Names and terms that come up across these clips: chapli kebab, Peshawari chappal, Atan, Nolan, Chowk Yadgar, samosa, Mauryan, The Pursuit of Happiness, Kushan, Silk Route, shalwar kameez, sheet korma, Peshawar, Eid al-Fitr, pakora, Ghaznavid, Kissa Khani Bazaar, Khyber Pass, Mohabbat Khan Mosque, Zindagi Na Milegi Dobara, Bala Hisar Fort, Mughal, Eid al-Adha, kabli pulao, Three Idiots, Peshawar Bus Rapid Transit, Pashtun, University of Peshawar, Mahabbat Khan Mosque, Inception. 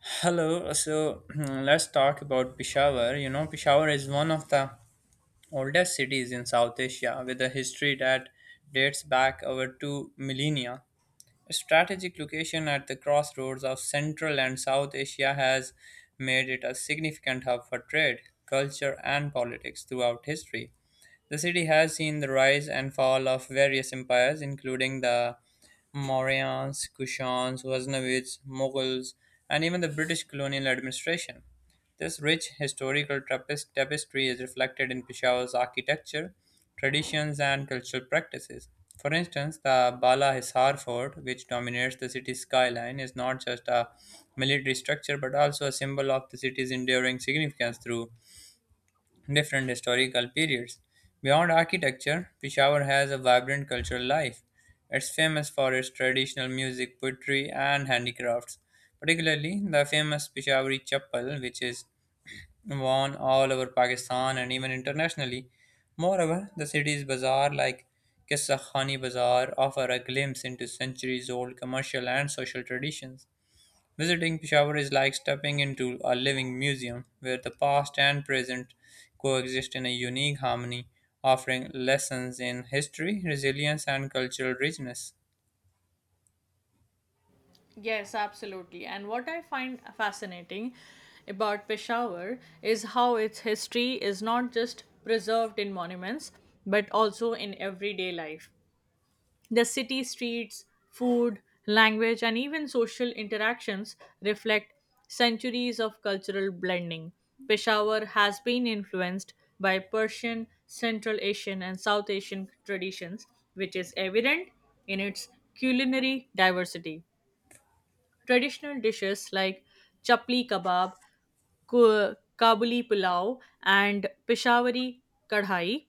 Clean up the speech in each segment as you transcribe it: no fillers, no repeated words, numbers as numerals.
Hello, so let's talk about Peshawar. You know, Peshawar is one of the oldest cities in South Asia with a history that dates back over two millennia. A strategic location at the crossroads of Central and South Asia has made it a significant hub for trade, culture, and politics throughout history. The city has seen the rise and fall of various empires, including the Mauryans, Kushans, Ghaznavids, Mughals, and even the British colonial administration. This rich historical tapestry is reflected in Peshawar's architecture, traditions, and cultural practices. For instance, the Bala Hisar Fort, which dominates the city's skyline, is not just a military structure but also a symbol of the city's enduring significance through different historical periods. Beyond architecture, Peshawar has a vibrant cultural life. It's famous for its traditional music, poetry, and handicrafts, particularly the famous Peshawari chappal, which is worn all over Pakistan and even internationally. Moreover, the city's bazaar, like Kissa Khani Bazaar, offer a glimpse into centuries old commercial and social traditions. Visiting Peshawar is like stepping into a living museum where the past and present coexist in a unique harmony, offering lessons in history, resilience, and cultural richness. Yes, absolutely. And what I find fascinating about Peshawar is how its history is not just preserved in monuments, but also in everyday life. The city streets, food, language, and even social interactions reflect centuries of cultural blending. Peshawar has been influenced by Persian, Central Asian, and South Asian traditions, which is evident in its culinary diversity. Traditional dishes like chapli kebab, Kabuli pulao, and Peshawari kadhai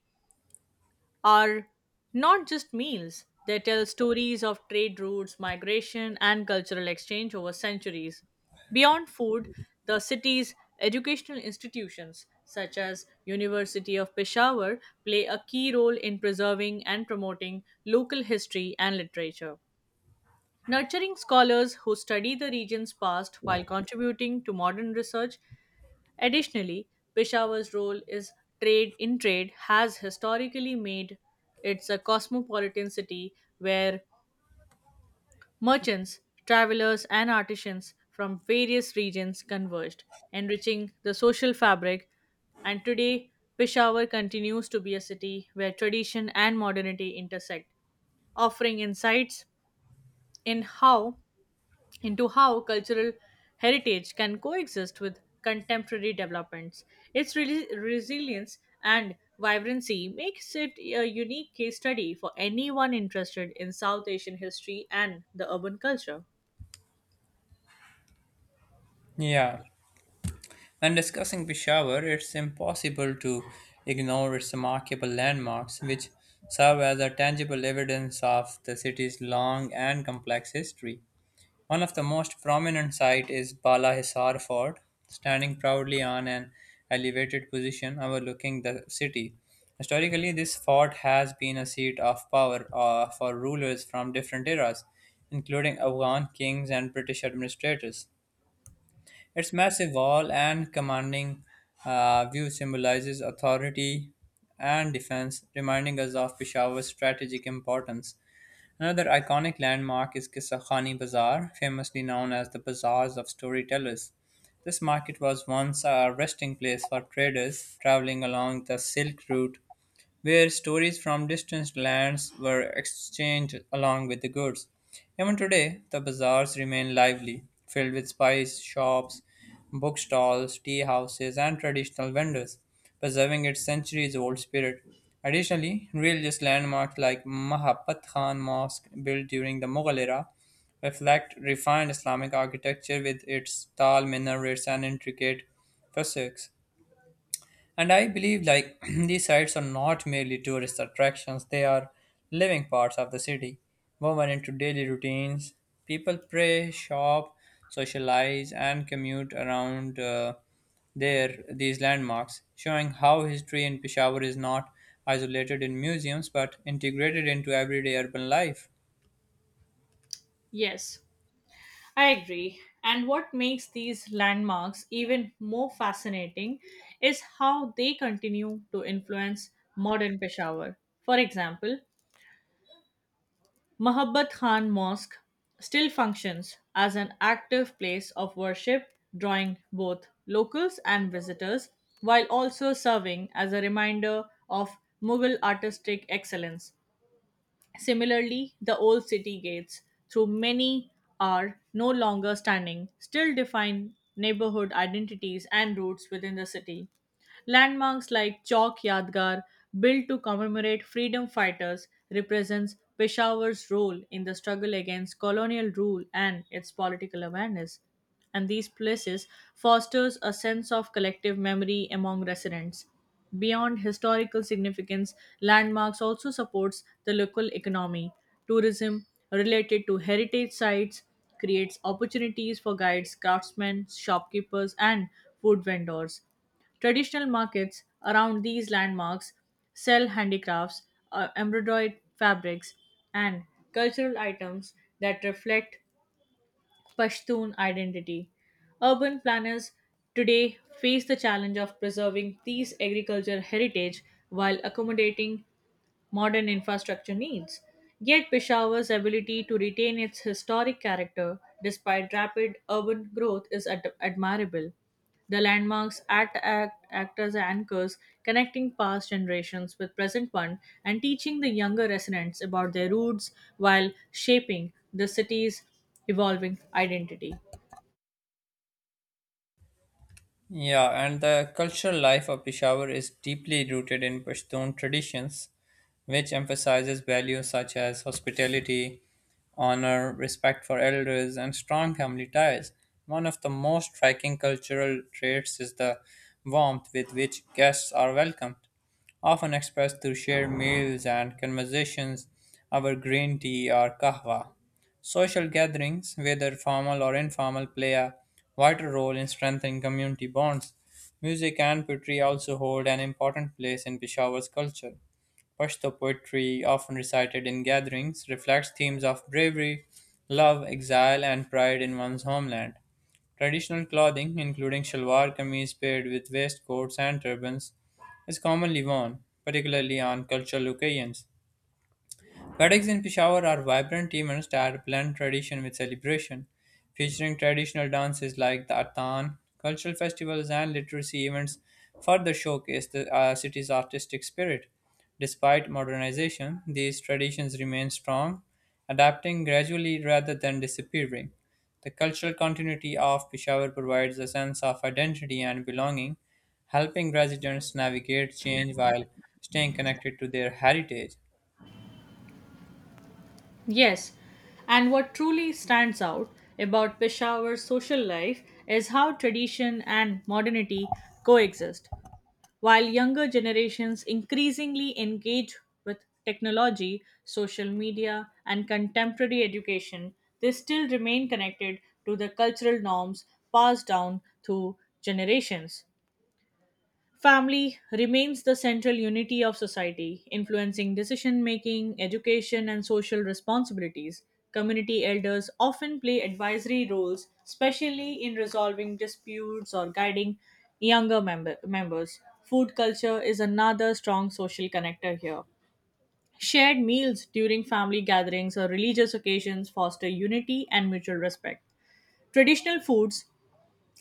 are not just meals. They tell stories of trade routes, migration, and cultural exchange over centuries. Beyond food, the city's educational institutions, such as University of Peshawar, play a key role in preserving and promoting local history and literature nurturing scholars who study the region's past while contributing to modern research. Additionally, Peshawar's role is trade in trade has historically made it a cosmopolitan city where merchants, travelers, and artisans from various regions converged, enriching the social fabric. And today, Peshawar continues to be a city where tradition and modernity intersect, offering insights in how into how cultural heritage can coexist with contemporary developments. Its resilience and vibrancy makes it a unique case study for anyone interested in South Asian history and the urban culture. Yeah, when discussing Peshawar, it's impossible to ignore its remarkable landmarks, which serve as a tangible evidence of the city's long and complex history. One of the most prominent sites is Bala Hisar Fort, standing proudly on an elevated position overlooking the city. Historically, this fort has been a seat of power for rulers from different eras, including Afghan kings and British administrators. Its massive wall and commanding view symbolizes authority and defense, reminding us of Peshawar's strategic importance. Another iconic landmark is Qissa Khani Bazaar, famously known as the Bazaars of Storytellers. This market was once a resting place for traders traveling along the Silk Route where stories from distant lands were exchanged along with the goods. Even today, the bazaars remain lively, filled with spice shops, bookstalls, tea houses, and traditional vendors, preserving its centuries old spirit. Additionally, religious landmarks like Mahabbat Khan Mosque, built during the Mughal era, reflect refined Islamic architecture with its tall minarets and intricate frescoes. And I believe like these sites are not merely tourist attractions, they are living parts of the city, woven into daily routines. People pray, shop, socialize, and commute around their these landmarks, showing how history in Peshawar is not isolated in museums but integrated into everyday urban life. Yes, I agree. And what makes these landmarks even more fascinating is how they continue to influence modern Peshawar. For example, Mohabbat Khan Mosque still functions as an active place of worship, drawing both locals and visitors, while also serving as a reminder of Mughal artistic excellence. Similarly, the old city gates, through many are no longer standing, still define neighborhood identities and roots within the city. Landmarks like Chowk Yadgar, built to commemorate freedom fighters, represents Peshawar's role in the struggle against colonial rule and its political awareness. And these places fosters a sense of collective memory among residents. Beyond historical significance, landmarks also supports the local economy. Tourism related to heritage sites creates opportunities for guides, craftsmen, shopkeepers, and food vendors. Traditional markets around these landmarks sell handicrafts, embroidered fabrics, and cultural items that reflect Pashtun identity. Urban planners today face the challenge of preserving these agricultural heritage while accommodating modern infrastructure needs. Yet, Peshawar's ability to retain its historic character despite rapid urban growth is admirable. The landmarks act as anchors, connecting past generations with present one and teaching the younger residents about their roots while shaping the city's evolving identity. Yeah, and the cultural life of Peshawar is deeply rooted in Pashtun traditions, which emphasizes values such as hospitality, honor, respect for elders, and strong family ties. One of the most striking cultural traits is the warmth with which guests are welcomed, often expressed through shared meals and conversations, over green tea or kahwa. Social gatherings, whether formal or informal, play a vital role in strengthening community bonds. Music and poetry also hold an important place in Peshawar's culture. Pashto poetry, often recited in gatherings, reflects themes of bravery, love, exile, and pride in one's homeland. Traditional clothing, including shalwar kameez paired with waistcoats and turbans, is commonly worn, particularly on cultural occasions. Weddings in Peshawar are vibrant events that blend tradition with celebration, featuring traditional dances like the Atan, cultural festivals, and literacy events further showcase the city's artistic spirit. Despite modernization, these traditions remain strong, adapting gradually rather than disappearing. The cultural continuity of Peshawar provides a sense of identity and belonging, helping residents navigate change while staying connected to their heritage. Yes, and what truly stands out about Peshawar's social life is how tradition and modernity coexist. While younger generations increasingly engage with technology, social media, and contemporary education, they still remain connected to the cultural norms passed down through generations. Family remains the central unity of society, influencing decision making, education, and social responsibilities. Community elders often play advisory roles, especially in resolving disputes or guiding members. Food culture is another strong social connector here. Shared meals during family gatherings or religious occasions foster unity and mutual respect. Traditional foods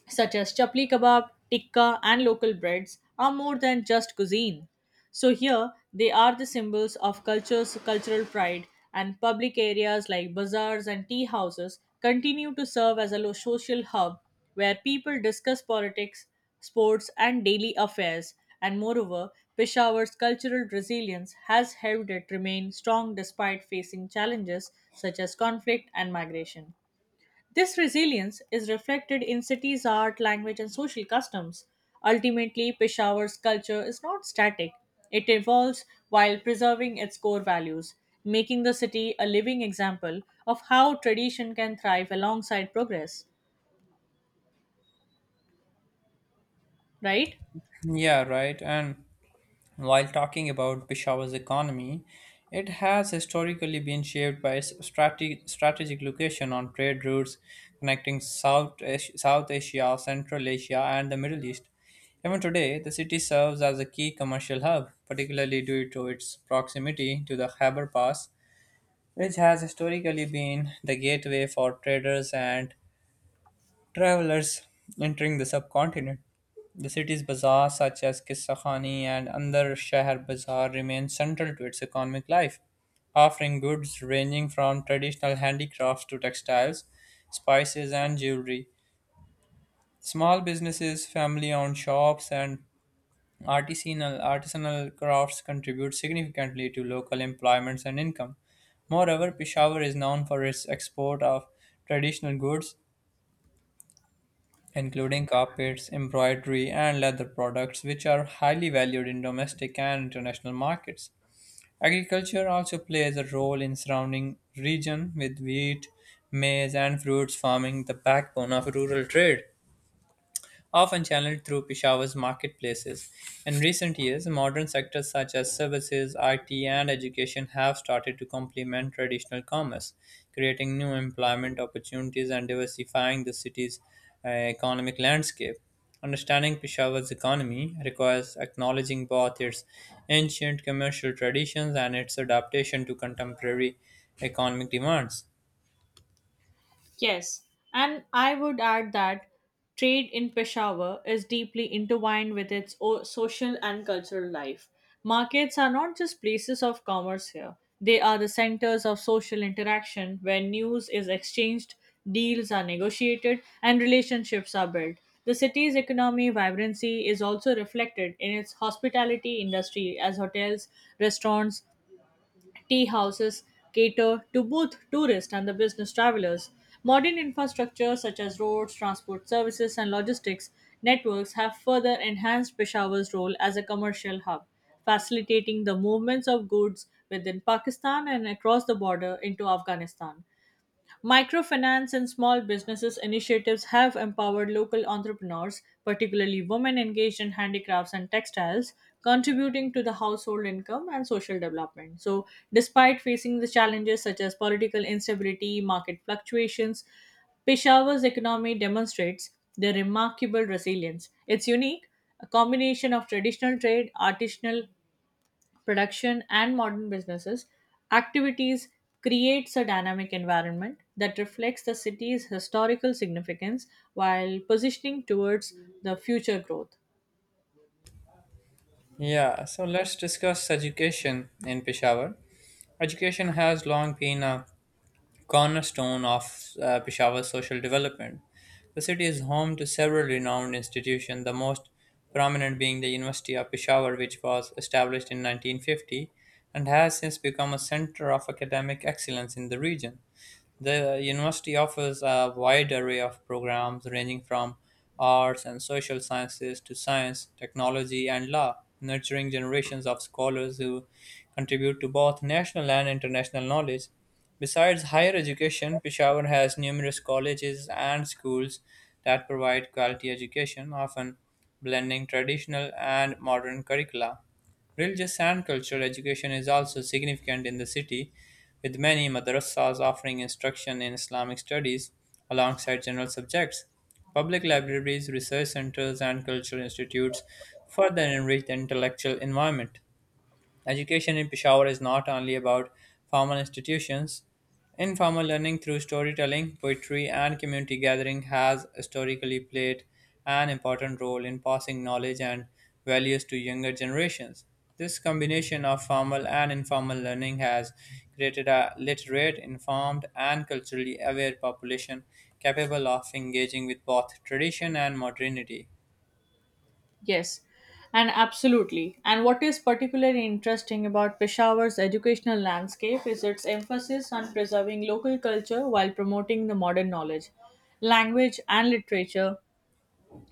such as chapli kebab, tikka, and local breads, are more than just cuisine. So here, they are the symbols of cultural pride, and public areas like bazaars and tea houses continue to serve as a social hub where people discuss politics, sports, and daily affairs. And moreover, Peshawar's cultural resilience has helped it remain strong despite facing challenges such as conflict and migration. This resilience is reflected in cities' art, language, and social customs. Ultimately, Peshawar's culture is not static, it evolves while preserving its core values, making the city a living example of how tradition can thrive alongside progress, right? Yeah, right. And while talking about Peshawar's economy, it has historically been shaped by its strategic location on trade routes connecting South Asia, Central Asia, and the Middle East. Even today, the city serves as a key commercial hub, particularly due to its proximity to the Khyber Pass, which has historically been the gateway for traders and Travelers entering the subcontinent. The city's bazaars, such as Kissa Khani and Andar Shahar Bazaar, remain central to its economic life, offering goods ranging from traditional handicrafts to textiles, spices, and jewelry. Small businesses, family owned shops, and artisanal crafts contribute significantly to local employments and income. Moreover, Peshawar is known for its export of traditional goods, including carpets, embroidery, and leather products, which are highly valued in domestic and international markets. Agriculture also plays a role in surrounding region with wheat, maize, and fruits forming the backbone of rural trade often channeled through Peshawar's marketplaces. In recent years, modern sectors such as services, IT, and education have started to complement traditional commerce, creating new employment opportunities and diversifying the city's economic landscape. Understanding Peshawar's economy requires acknowledging both its ancient commercial traditions and its adaptation to contemporary economic demands. Yes, and I would add that trade in Peshawar is deeply intertwined with its social and cultural life. Markets are not just places of commerce here, they are the centers of social interaction where news is exchanged, deals are negotiated, and relationships are built. The city's economy vibrancy is also reflected in its hospitality industry as hotels, restaurants, Tea houses cater to both tourists and the business travelers. Modern infrastructure such as roads, transport services, and logistics networks have further enhanced Peshawar's role as a commercial hub, facilitating the movements of goods within Pakistan and across the border into Afghanistan. Microfinance and small businesses initiatives have empowered local entrepreneurs, particularly women engaged in handicrafts and textiles, contributing to the household income and social development. So, despite facing the challenges such as political instability, market fluctuations, Peshawar's economy demonstrates their remarkable resilience. It's unique, a combination of traditional trade, artisanal production, and modern businesses, activities creates a dynamic environment that reflects the city's historical significance while positioning towards the future growth. Yeah, so let's discuss education in Peshawar. Education has long been a cornerstone of Peshawar's social development. The city is home to several renowned institutions, the most prominent being the University of Peshawar, which was established in 1950 and has since become a center of academic excellence in the region. The university offers a wide array of programs ranging from arts and social sciences to science, technology, and law, nurturing generations of scholars who contribute to both national and international knowledge. Besides higher education, Peshawar has numerous colleges and schools that provide quality education, often blending traditional and modern curricula. Religious and cultural education is also significant in the city, with many madrasas offering instruction in Islamic studies alongside general subjects. Public libraries, research centers, and cultural institutes further enrich the intellectual environment. Education in Peshawar is not only about formal institutions. Informal learning through storytelling, poetry, and community gathering has historically played an important role in passing knowledge and values to younger generations. This combination of formal and informal learning has created a literate, informed, and culturally aware population capable of engaging with both tradition and modernity. Yes, and absolutely. And what is particularly interesting about Peshawar's educational landscape is its emphasis on preserving local culture while promoting the modern knowledge, language, and literature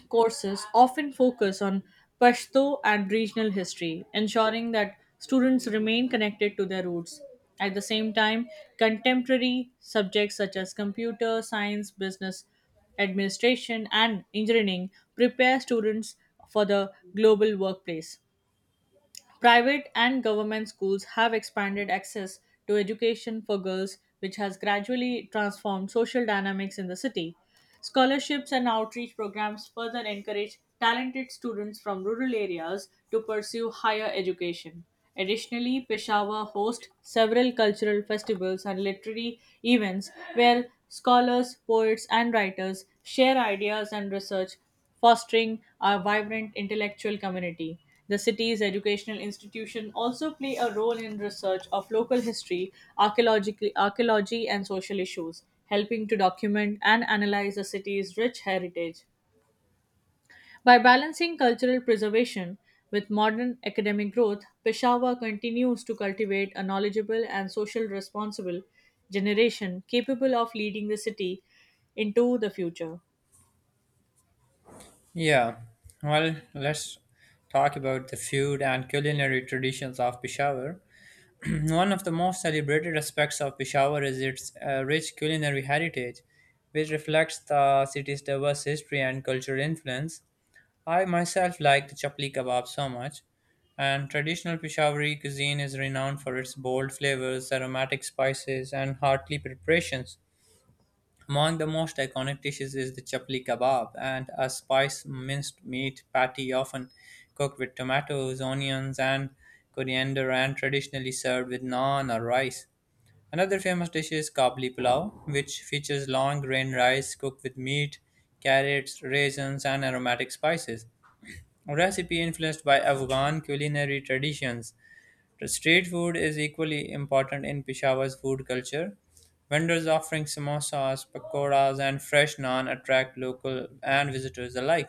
courses often focus on Pashto and regional history, ensuring that students remain connected to their roots. At the same time, contemporary subjects such as computer science, business administration, and engineering prepare students for the global workplace. Private and government schools have expanded access to education for girls, which has gradually transformed social dynamics in the city. Scholarships and outreach programs further encourage talented students from rural areas to pursue higher education. Additionally, Peshawar hosts several cultural festivals and literary events where scholars, poets, and writers share ideas and research fostering a vibrant intellectual community. The city's educational institution also play a role in research of local history, archaeological archaeology and social issues, helping to document and analyze the city's rich heritage. By balancing cultural preservation with modern academic growth, Peshawar continues to cultivate a knowledgeable and social responsible generation capable of leading the city into the future. Yeah, well, let's talk about the food and culinary traditions of Peshawar. One of the most celebrated aspects of Peshawar is its rich culinary heritage, which reflects the city's diverse history and cultural influence. I myself like the chapli kebab so much, and traditional Peshawari cuisine is renowned for its bold flavors, aromatic spices, and hearty preparations. Among the most iconic dishes is the chapli kebab, and a spiced minced meat patty often cooked with tomatoes, onions, and coriander, and traditionally served with naan or rice. Another famous dish is kabli pulao, which features long grain rice cooked with meat, carrots, raisins, and aromatic spices. A recipe influenced by Afghan culinary traditions. Street food is equally important in Peshawar's food culture. Vendors offering samosas, pakoras, and fresh naan attract local and visitors alike,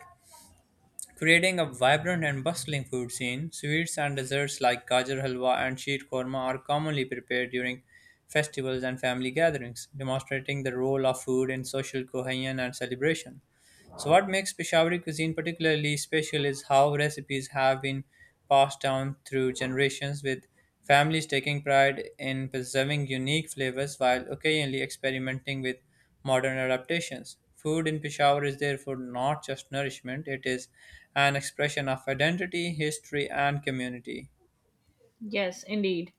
creating a vibrant and bustling food scene. Sweets and desserts like gajar halwa and sheet korma are commonly prepared during festivals and family gatherings, demonstrating the role of food in social cohesion and celebration. So, what makes Peshawari cuisine particularly special is how recipes have been passed down through generations, with families taking pride in preserving unique flavors while occasionally experimenting with modern adaptations. Food in Peshawar is therefore not just nourishment, it is an expression of identity, history, and community. Yes, indeed.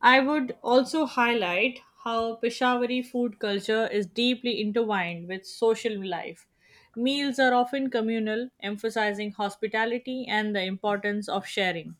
I would also highlight how Peshawari food culture is deeply intertwined with social life. Meals are often communal, emphasizing hospitality and the importance of sharing.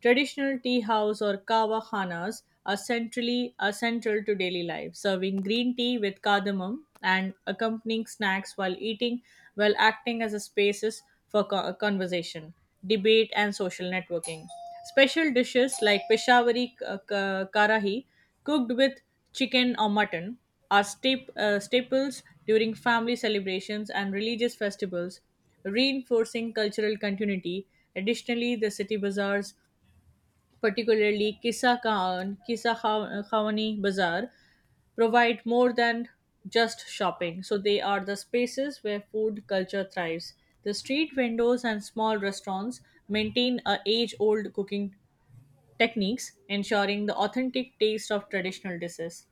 Traditional tea house or kawa khanas are central to daily life, serving green tea with cardamom and accompanying snacks while eating, while acting as a spaces for conversation, debate, and social networking. Special dishes like Peshawari karahi, cooked with chicken or mutton, are staples during family celebrations and religious festivals, reinforcing cultural continuity. Additionally, the city bazaars, particularly Kisa Khan, Kisa Kha- Khawani Bazaar, provide more than just shopping. So they are the spaces where food culture thrives. The street vendors and small restaurants maintain a age-old cooking techniques, ensuring the authentic taste of traditional dishes.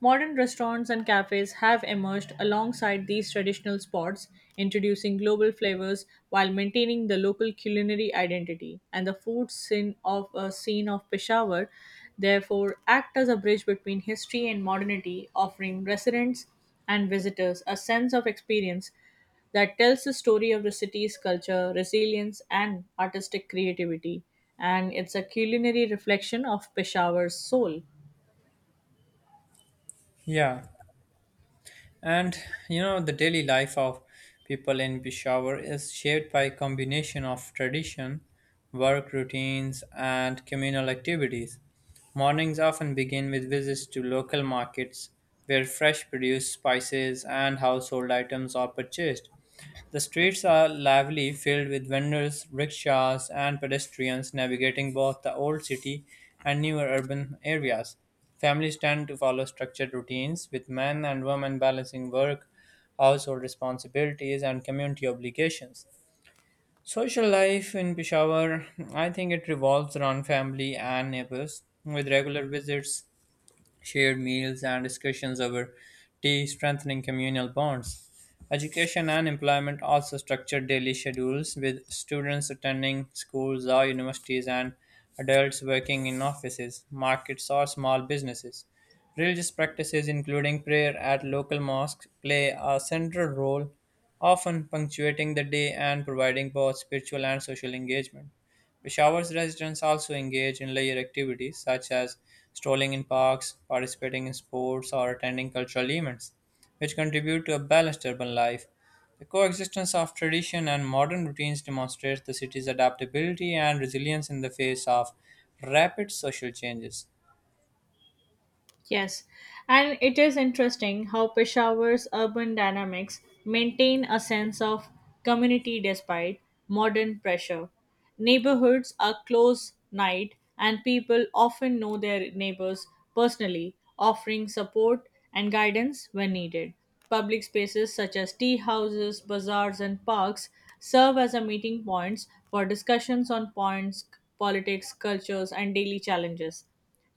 Modern restaurants and cafes have emerged alongside these traditional spots, introducing global flavors while maintaining the local culinary identity. And the food scene of a scene of Peshawar, therefore, act as a bridge between history and modernity, offering residents and visitors a sense of experience that tells the story of the city's culture, resilience, and artistic creativity. And it's a culinary reflection of Peshawar's soul. Yeah. And you know, the daily life of people in Peshawar is shaped by a combination of tradition, work routines, and communal activities. Mornings often begin with visits to local markets where fresh produce, spices, and household items are purchased. The streets are lively, filled with vendors, rickshaws, and pedestrians navigating both the old city and newer urban areas. Families tend to follow structured routines, with men and women balancing work, household responsibilities, and community obligations. Social life in Peshawar, I think it revolves around family and neighbors, with regular visits, shared meals and discussions over tea strengthening communal bonds. Education and employment also structure daily schedules with students attending schools or universities and adults working in offices, markets, or small businesses. Religious practices, including prayer at local mosques, play a central role, often punctuating the day and providing both spiritual and social engagement. Peshawar's residents also engage in leisure activities such as strolling in parks, participating in sports, or attending cultural events, which contribute to a balanced urban life. The coexistence of tradition and modern routines demonstrates the city's adaptability and resilience in the face of rapid social changes. Yes, and it is interesting how Peshawar's urban dynamics maintain a sense of community despite modern pressure. Neighborhoods are close knit and people often know their neighbors personally, offering support and guidance when needed. Public spaces such as tea houses, bazaars, and parks serve as a meeting points for discussions on points, politics, cultures, and daily challenges.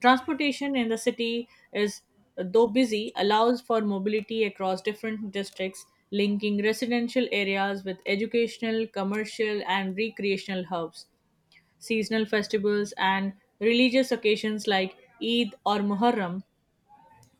Transportation in the city is, though busy, allows for mobility across different districts, linking residential areas with educational, commercial, and recreational hubs. Seasonal festivals and religious occasions like Eid or Muharram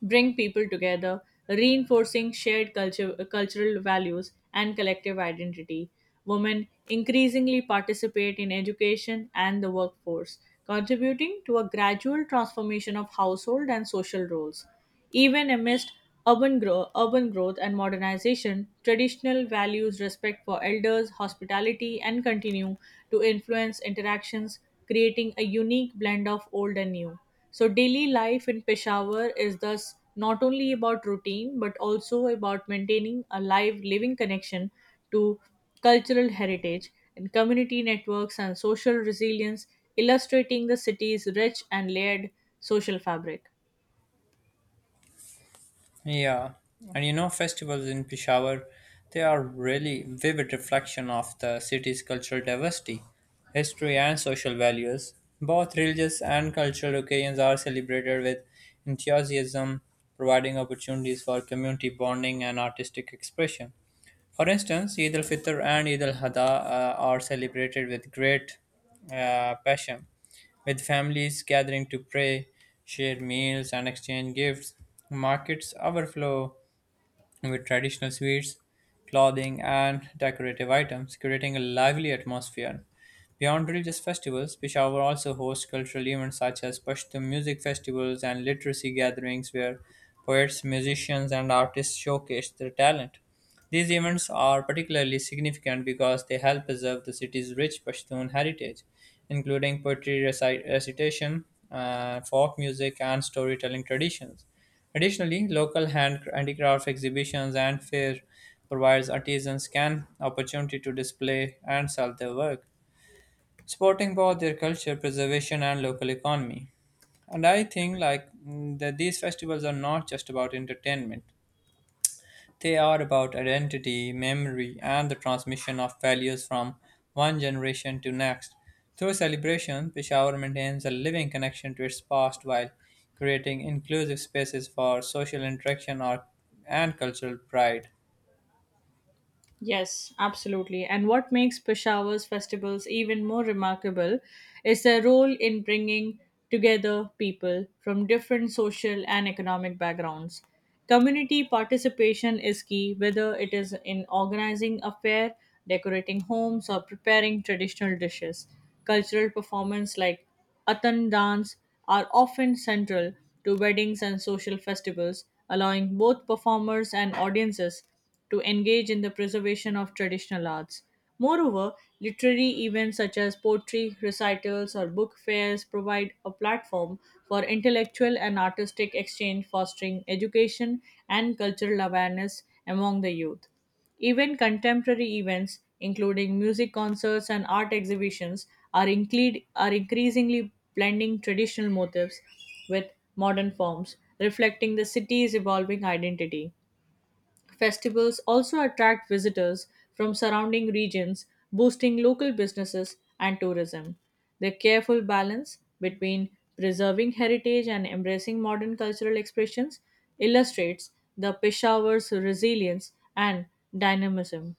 bring people together, reinforcing shared cultural values and collective identity. Women increasingly participate in education and the workforce, contributing to a gradual transformation of household and social roles. Even amidst urban growth and modernization, traditional values, respect for elders, hospitality, and continue to influence interactions, creating a unique blend of old and new. So, daily life in Peshawar is thus not only about routine but also about maintaining a living connection to cultural heritage and community networks and social resilience, illustrating the city's rich and layered social fabric. Yeah, and you know, festivals in Peshawar, they are really vivid reflection of the city's cultural diversity, history and social values. Both religious and cultural occasions are celebrated with enthusiasm, providing opportunities for community bonding and artistic expression. For instance, Eid al-Fitr and Eid al-Adha are celebrated with great passion, with families gathering to pray, share meals, and exchange gifts. Markets overflow with traditional sweets, clothing, and decorative items, creating a lively atmosphere. Beyond religious festivals, Peshawar also hosts cultural events such as Pashto music festivals and literacy gatherings where poets, musicians, and artists showcase their talent. These events are particularly significant because they help preserve the city's rich Pashtun heritage, including poetry recitation, folk music, and storytelling traditions. Additionally, local hand handicraft exhibitions and fair provides artisans can opportunity to display and sell their work, supporting both their culture preservation and local economy. And I think like that these festivals are not just about entertainment they are about identity, memory, and the transmission of values from one generation to next. Through celebration, Peshawar maintains a living connection to its past while creating inclusive spaces for social interaction and cultural pride. Yes, absolutely. And what makes Peshawar's festivals even more remarkable is their role in bringing together people from different social and economic backgrounds. Community participation is key, whether it is in organizing a fair, decorating homes, or preparing traditional dishes. Cultural performance like Atan dance are often central to weddings and social festivals, allowing both performers and audiences to engage in the preservation of traditional arts. Moreover, literary events such as poetry, recitals, or book fairs provide a platform for intellectual and artistic exchange, fostering education and cultural awareness among the youth. Even contemporary events, including music concerts and art exhibitions, are increasingly blending traditional motifs with modern forms, reflecting the city's evolving identity. Festivals also attract visitors from surrounding regions, boosting local businesses and tourism. The careful balance between preserving heritage and embracing modern cultural expressions illustrates the Peshawar's resilience and dynamism.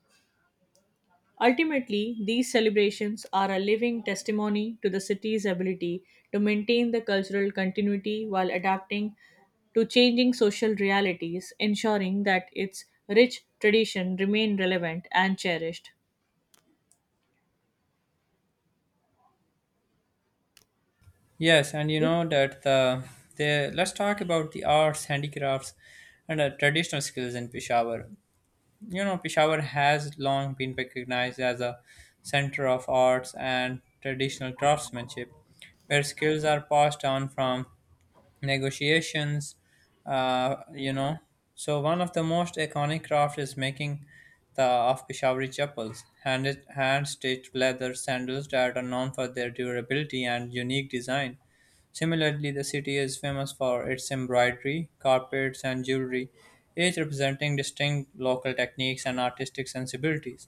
Ultimately, these celebrations are a living testimony to the city's ability to maintain the cultural continuity while adapting to changing social realities, ensuring that its rich tradition remain relevant and cherished. Yes, and you know that the let's talk about the arts, handicrafts, and traditional skills in Peshawar. You know, Peshawar has long been recognized as a center of arts and traditional craftsmanship, where skills are passed down from negotiations. You know, so one of the most iconic craft is making the of Peshawari chappals, hand stitched leather sandals that are known for their durability and unique design. Similarly, the city is famous for its embroidery, carpets, and jewelry, each representing distinct local techniques and artistic sensibilities.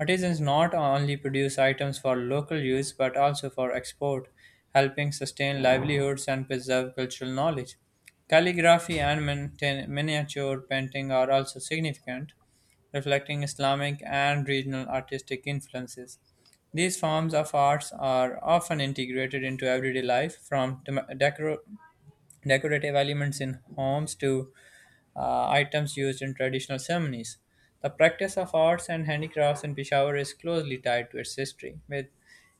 Artisans not only produce items for local use but also for export, helping sustain livelihoods and preserve cultural knowledge. Calligraphy and miniature painting are also significant, reflecting Islamic and regional artistic influences. These forms of arts are often integrated into everyday life, from decorative elements in homes to items used in traditional ceremonies. The practice of arts and handicrafts in Peshawar is closely tied to its history, with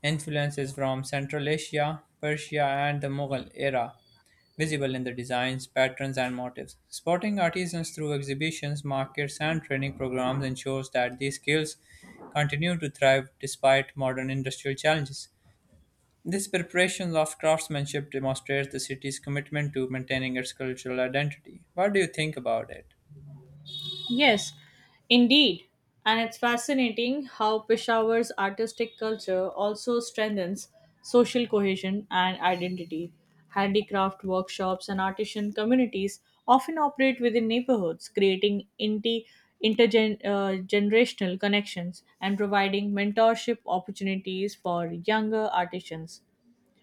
influences from Central Asia, Persia, and the Mughal era visible in the designs, patterns, and motifs. Supporting artisans through exhibitions, markets, and training programs ensures that these skills continue to thrive despite modern industrial challenges. This preparation of craftsmanship demonstrates the city's commitment to maintaining its cultural identity. What do you think about it? Yes, indeed. And it's fascinating how Peshawar's artistic culture also strengthens social cohesion and identity. Handicraft workshops and artisan communities often operate within neighborhoods, creating intergenerational connections and providing mentorship opportunities for younger artisans.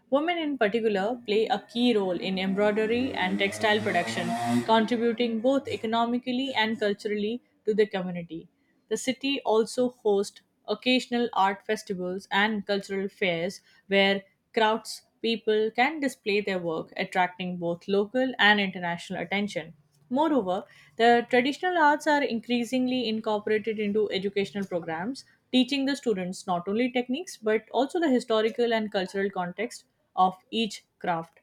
Women in particular play a key role in embroidery and textile production, contributing both economically and culturally to the community. The city also hosts occasional art festivals and cultural fairs where crowds people can display their work, attracting both local and international attention. Moreover, the traditional arts are increasingly incorporated into educational programs, teaching the students not only techniques but also the historical and cultural context of each craft.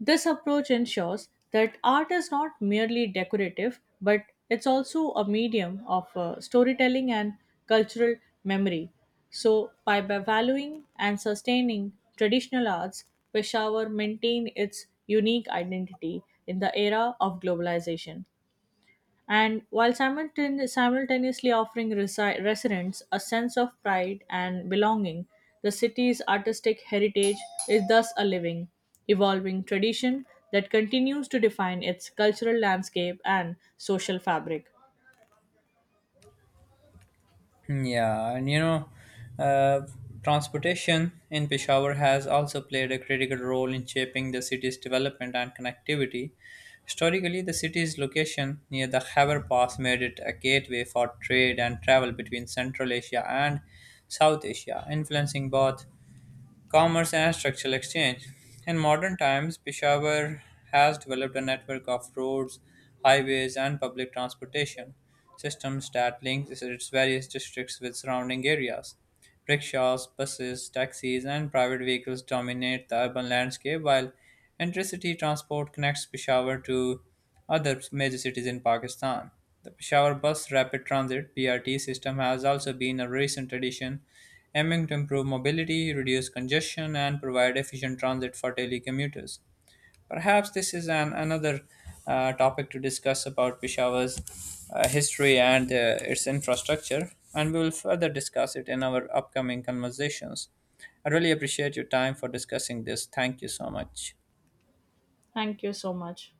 This approach ensures that art is not merely decorative but it's also a medium of storytelling and cultural memory. So, by valuing and sustaining traditional arts, Peshawar maintained its unique identity in the era of globalization and while simultaneously offering residents a sense of pride and belonging, the city's artistic heritage is thus a living, evolving tradition that continues to define its cultural landscape and social fabric. Yeah, and you know, uh, transportation in Peshawar has also played a critical role in shaping the city's development and connectivity. Historically, the city's location near the Khyber Pass made it a gateway for trade and travel between Central Asia and South Asia, influencing both commerce, and structural exchange. In modern times, Peshawar has developed a network of roads, highways, and public transportation systems that link its various districts with surrounding areas. Rickshaws, buses, taxis, and private vehicles dominate the urban landscape, while intercity transport connects Peshawar to other major cities in Pakistan. The Peshawar Bus Rapid Transit (BRT) system has also been a recent addition, aiming to improve mobility, reduce congestion, and provide efficient transit for daily commuters. Perhaps this is an another topic to discuss about Peshawar's history and its infrastructure, and we will further discuss it in our upcoming conversations. I really appreciate your time for discussing this. Thank you so much. Thank you so much.